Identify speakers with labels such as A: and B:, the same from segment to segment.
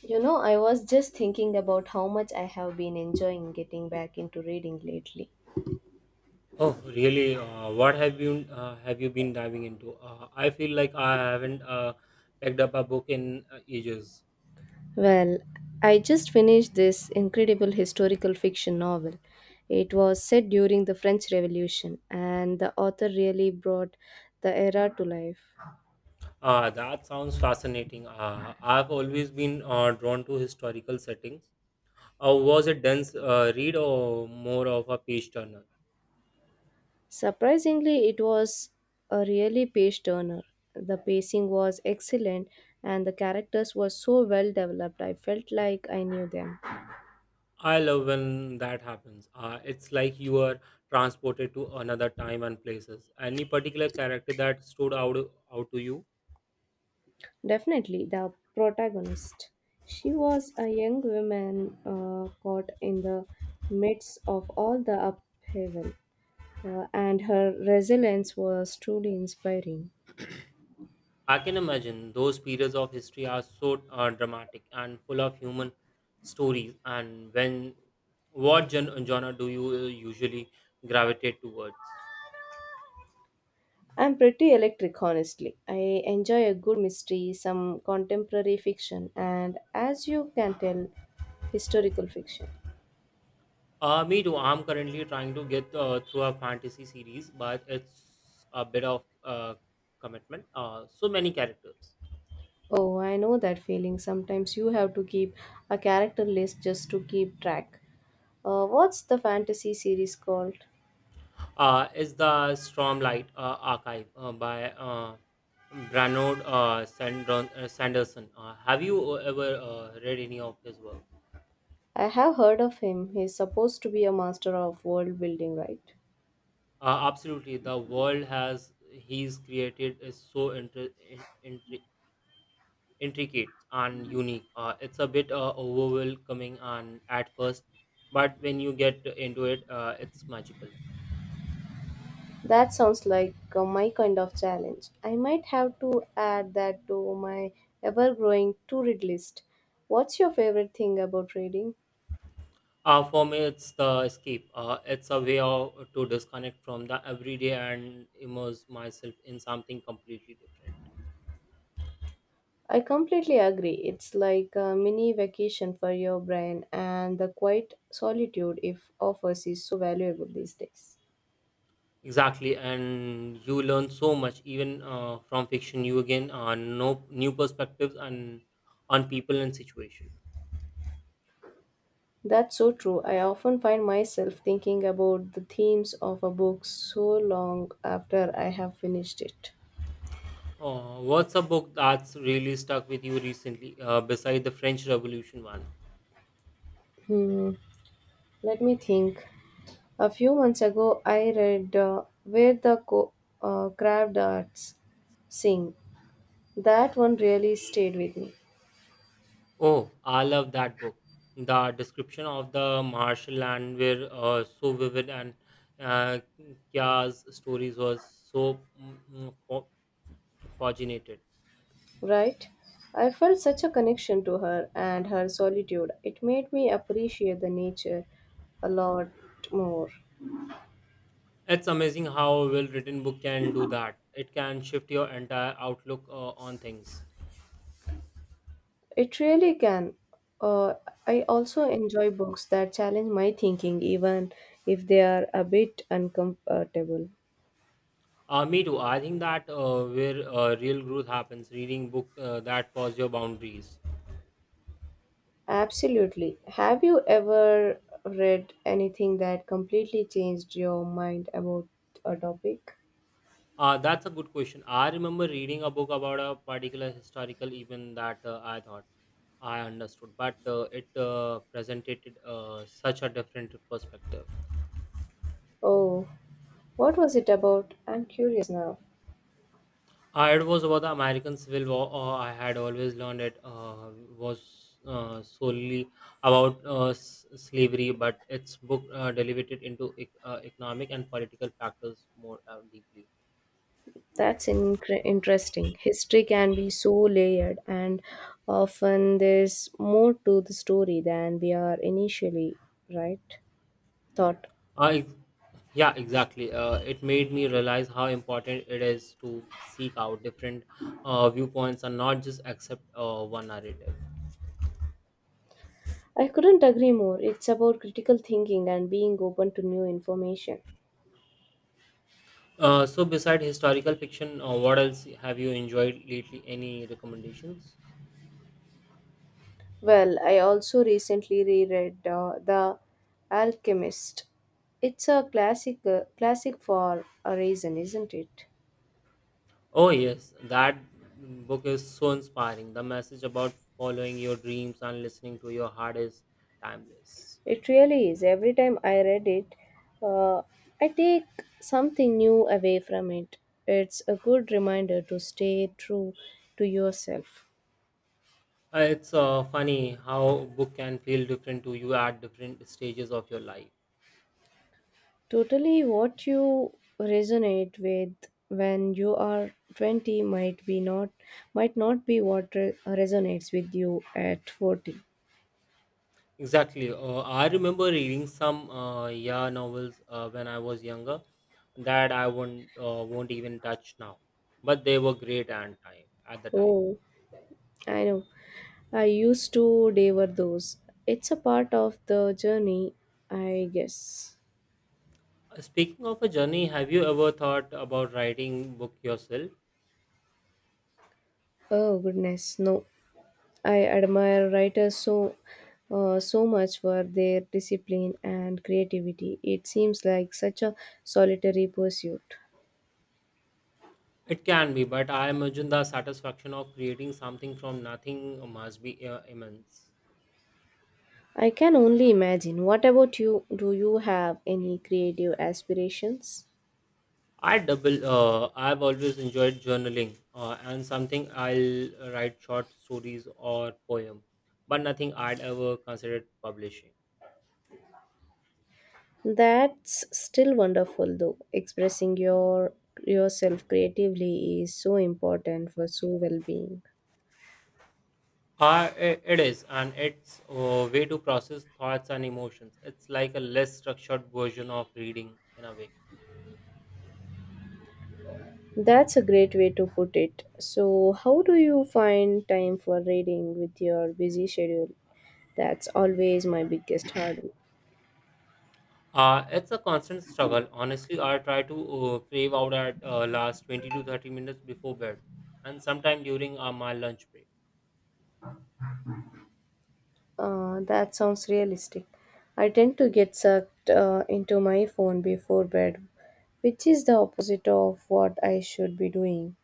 A: You know, I was just thinking about how much I have been enjoying getting back into reading lately.
B: Oh, really? What have you been diving into? I feel like I haven't picked up a book in ages.
A: Well, I just finished this incredible historical fiction novel. It was set during the French Revolution, and the author really brought the era to life.
B: That sounds fascinating. I've always been drawn to historical settings. Was it dense read or more of a page turner?
A: Surprisingly, it was a really page turner. The pacing was excellent, and the characters were so well developed, I felt like I knew them.
B: I love when that happens. It's like you are transported to another time and places. Any particular character that stood out to you?
A: Definitely the protagonist. She was a young woman caught in the midst of all the upheaval, and her resilience was truly inspiring.
B: I can imagine those periods of history are so dramatic and full of human stories. And when what genre do you usually gravitate towards?
A: I'm pretty electric, honestly. I enjoy a good mystery, some contemporary fiction, and as you can tell, historical fiction.
B: Me too. I'm currently trying to get through a fantasy series, but it's a bit of commitment. So many characters.
A: Oh, I know that feeling. Sometimes you have to keep a character list just to keep track. What's the fantasy series called?
B: Is the Stormlight Archive by Branod Sanderson? Have you ever read any of his work?
A: I have heard of him. He's supposed to be a master of world building, right?
B: Absolutely, the world has he's created is so intri- intricate and unique. It's a bit overwhelming and at first, but when you get into it, it's magical.
A: That sounds like my kind of challenge. I might have to add that to my ever growing to read list. What's your favorite thing about reading?
B: For me, it's the escape. It's a way of, to disconnect from the everyday and immerse myself in something completely different.
A: I completely agree. It's like a mini vacation for your brain, and the quiet solitude it offers is so valuable these days.
B: Exactly, and you learn so much even from fiction. You again know new perspectives and on people and situation.
A: That's so true. I often find myself thinking about the themes of a book so long after I have finished it.
B: Oh, what's a book that's really stuck with you recently, beside the French Revolution one?
A: Hmm, let me think. A few months ago, I read Crabbed Arts Sing. That one really stayed with me,
B: Oh, I love that book. The description of the martial land were so vivid, and uh, Kya's stories was so paginated.
A: right? I felt such a connection to her and her solitude. It made me appreciate the nature a lot more.
B: It's amazing how a well-written book can do that. It can shift your entire outlook on things.
A: It really can. Uh, I also enjoy books that challenge my thinking, even if they are a bit uncomfortable.
B: Me too. I think that where real growth happens, reading book that pause your boundaries.
A: Absolutely. Have you ever read anything that completely changed your mind about a topic?
B: That's a good question. I remember reading a book about a particular historical event that I thought I understood, but it presented such a different perspective.
A: Oh, what was it about? I'm curious now.
B: It was about the American Civil War. I had always learned it was solely about slavery, but its book delivered into economic and political factors more deeply.
A: That's incre interesting. History can be so layered, and often there's more to the story than we are initially, right? Thought.
B: Uh, ex- yeah, exactly. It made me realize how important it is to seek out different viewpoints and not just accept one narrative.
A: I couldn't agree more. It's about critical thinking and being open to new information.
B: So, beside historical fiction, what else have you enjoyed lately? Any recommendations?
A: Well, I also recently reread The Alchemist. It's a classic, classic for a reason, isn't it?
B: Oh, yes, that book is so inspiring. The message about following your dreams and listening to your heart is timeless.
A: It really is. Every time I read it, uh, I take something new away from it. It's a good reminder to stay true to yourself.
B: It's funny how book can feel different to you at different stages of your life.
A: Totally, what you resonate with when you are 20 might be not might not be what resonates with you at 40.
B: Exactly. I remember reading some YA novels when I was younger that I won't even touch now, but they were great and time at the time.
A: Oh, I know. I used to devour those. It's a part of the journey, I guess.
B: Speaking of a journey, have you ever thought about writing book yourself?
A: Oh goodness, no. I admire writers so so much for their discipline and creativity. It seems like such a solitary pursuit.
B: It can be, but I imagine the satisfaction of creating something from nothing must be immense.
A: I can only imagine. What about you? Do you have any creative aspirations?
B: I double. I've always enjoyed journaling, and something I'll write short stories or poem, but nothing I'd ever considered publishing.
A: That's still wonderful though. Expressing yourself creatively is so important for so well-being.
B: It is, and it's a way to process thoughts and emotions. It's like a less structured version of reading in a way.
A: That's a great way to put it. So, how do you find time for reading with your busy schedule? That's always my biggest hurdle.
B: It's a constant struggle. Honestly, I try to crave out at last 20 to 30 minutes before bed, and sometime during my lunch break.
A: That sounds realistic. I tend to get sucked into my phone before bed, which is the opposite of what I should be doing.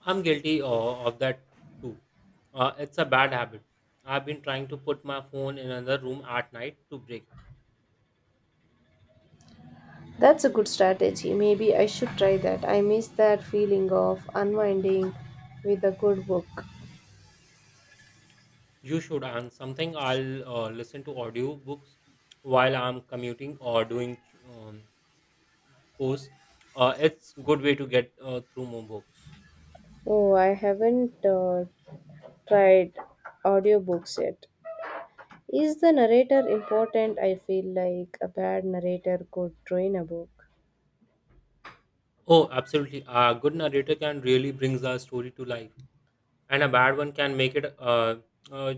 B: I'm guilty of that too. It's a bad habit. I've been trying to put my phone in another room at night to break it.
A: That's a good strategy. Maybe I should try that. I miss that feeling of unwinding with a good book.
B: You should and something. I'll listen to audiobooks while I'm commuting or doing um, course. It's good way to get through more books.
A: Oh, I haven't tried audiobooks yet. Is the narrator important? I feel like a bad narrator could ruin a book.
B: Oh, absolutely. A good narrator can really brings a story to life, and a bad one can make it a uh,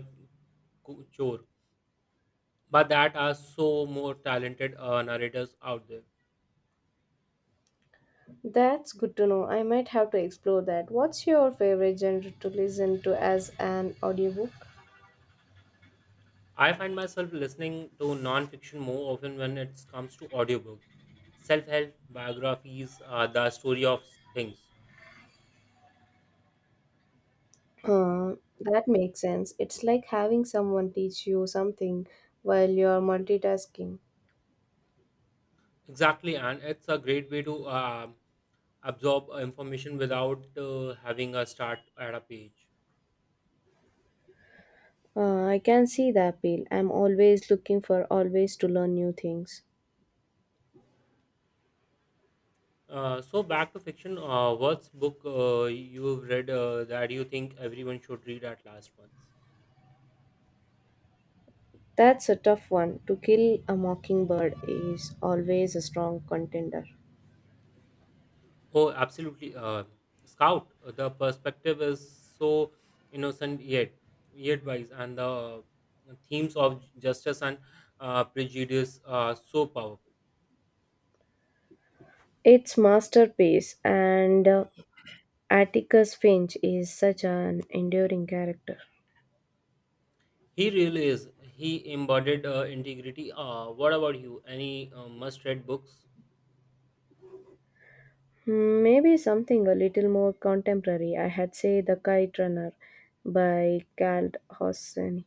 B: chore. But that are so more talented narrators out there.
A: That's good to know. I might have to explore that. What's your favorite genre to listen to as an audiobook?
B: I find myself listening to non-fiction more often when it comes to audiobook. Self-help biographies are the story of things.
A: Uh, That makes sense. It's like having someone teach you something while you're multitasking.
B: Exactly, and it's a great way to absorb information without having a start at a page.
A: I can see the appeal. I'm always looking for always to learn new things.
B: So back to fiction. What's book you've read that you think everyone should read at last once?
A: That's a tough one. To Kill a Mockingbird is always a strong contender.
B: Oh, absolutely. Scout, the perspective is so innocent yet wise, and the themes of justice and prejudice are so powerful.
A: Its masterpiece and Atticus Finch is such an enduring character.
B: He really is. He embodied integrity. What about you? Any must-read books?
A: Hmm, maybe something a little more contemporary. I had say The Kite Runner by Cal Hosseini.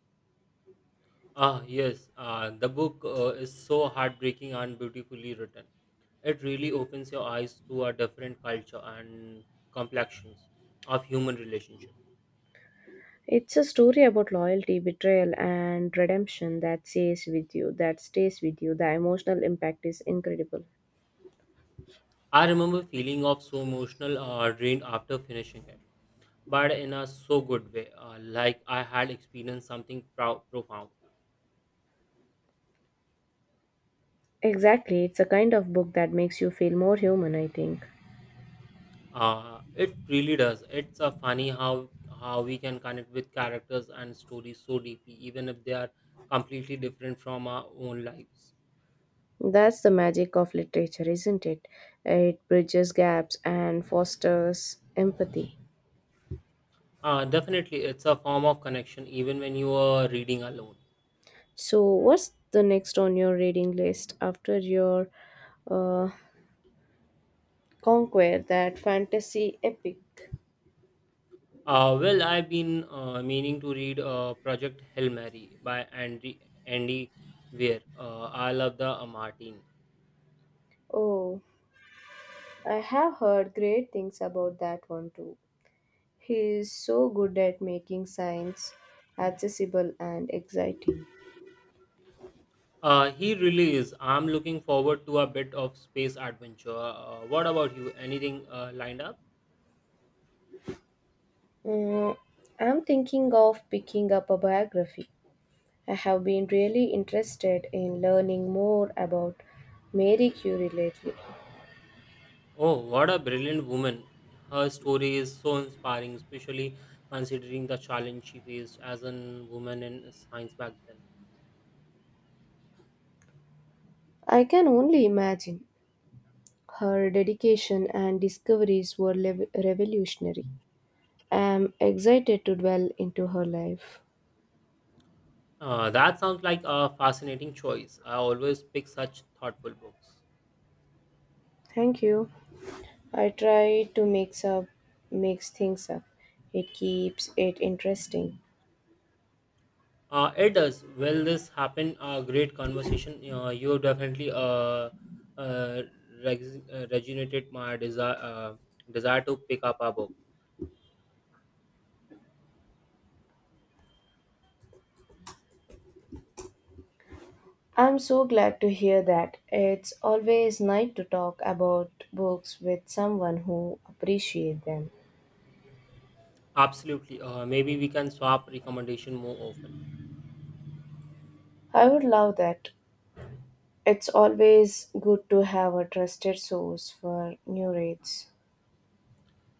B: Ah, yes. The book is so heartbreaking and beautifully written. It really opens your eyes to a different culture and complexions of human relationships.
A: It's a story about loyalty, betrayal, and redemption that stays with you, that stays with you. The emotional impact is incredible.
B: I remember feeling of so emotional drained after finishing it, but in a so good way, like I had experienced something profound.
A: Exactly, it's a kind of book that makes you feel more human, I think.
B: It really does. It's funny how we can connect with characters and stories so deeply, even if they are completely different from our own lives.
A: That's the magic of literature, isn't it? It bridges gaps and fosters empathy.
B: Definitely, it's a form of connection, even when you are reading alone.
A: So, what's the next on your reading list after your uh, conquer that fantasy epic?
B: Well, I've been meaning to read Project Hail Mary by Andy Weir. I love the Martin.
A: Oh, I have heard great things about that one too. He is so good at making science accessible and exciting.
B: He really is. I'm looking forward to a bit of space adventure. What about you? Anything lined up?
A: Mm, I'm thinking of picking up a biography. I have been really interested in learning more about Mary Curie lately.
B: Oh, what a brilliant woman! Her story is so inspiring, especially considering the challenge she faced as a woman in science back then.
A: I can only imagine her dedication and discoveries were revolutionary. I'm excited to dwell into her life.
B: That sounds like a fascinating choice. I always pick such thoughtful books.
A: Thank you. I try to mix things up. It keeps it interesting.
B: It does. Well, this happened. A great conversation. You definitely uh, regenerated my desire to pick up a book.
A: I'm so glad to hear that. It's always nice to talk about books with someone who appreciates them.
B: Absolutely. Maybe we can swap recommendation more often.
A: I would love that. It's always good to have a trusted source for new reads.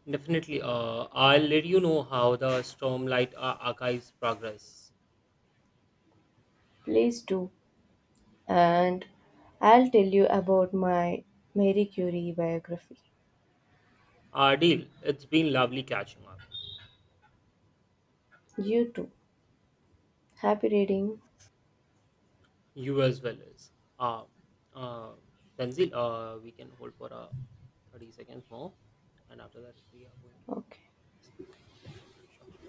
B: Definitely. I'll let you know how the Stormlight archives progress.
A: Please do. And I'll tell you about my Marie Curie biography.
B: Deal. It's been lovely catching up.
A: You too. Happy reading.
B: You as well as. Uh, uh, Tanzil, we can hold for 30 seconds more, and after that, we are going to.
A: Okay.
B: Sure.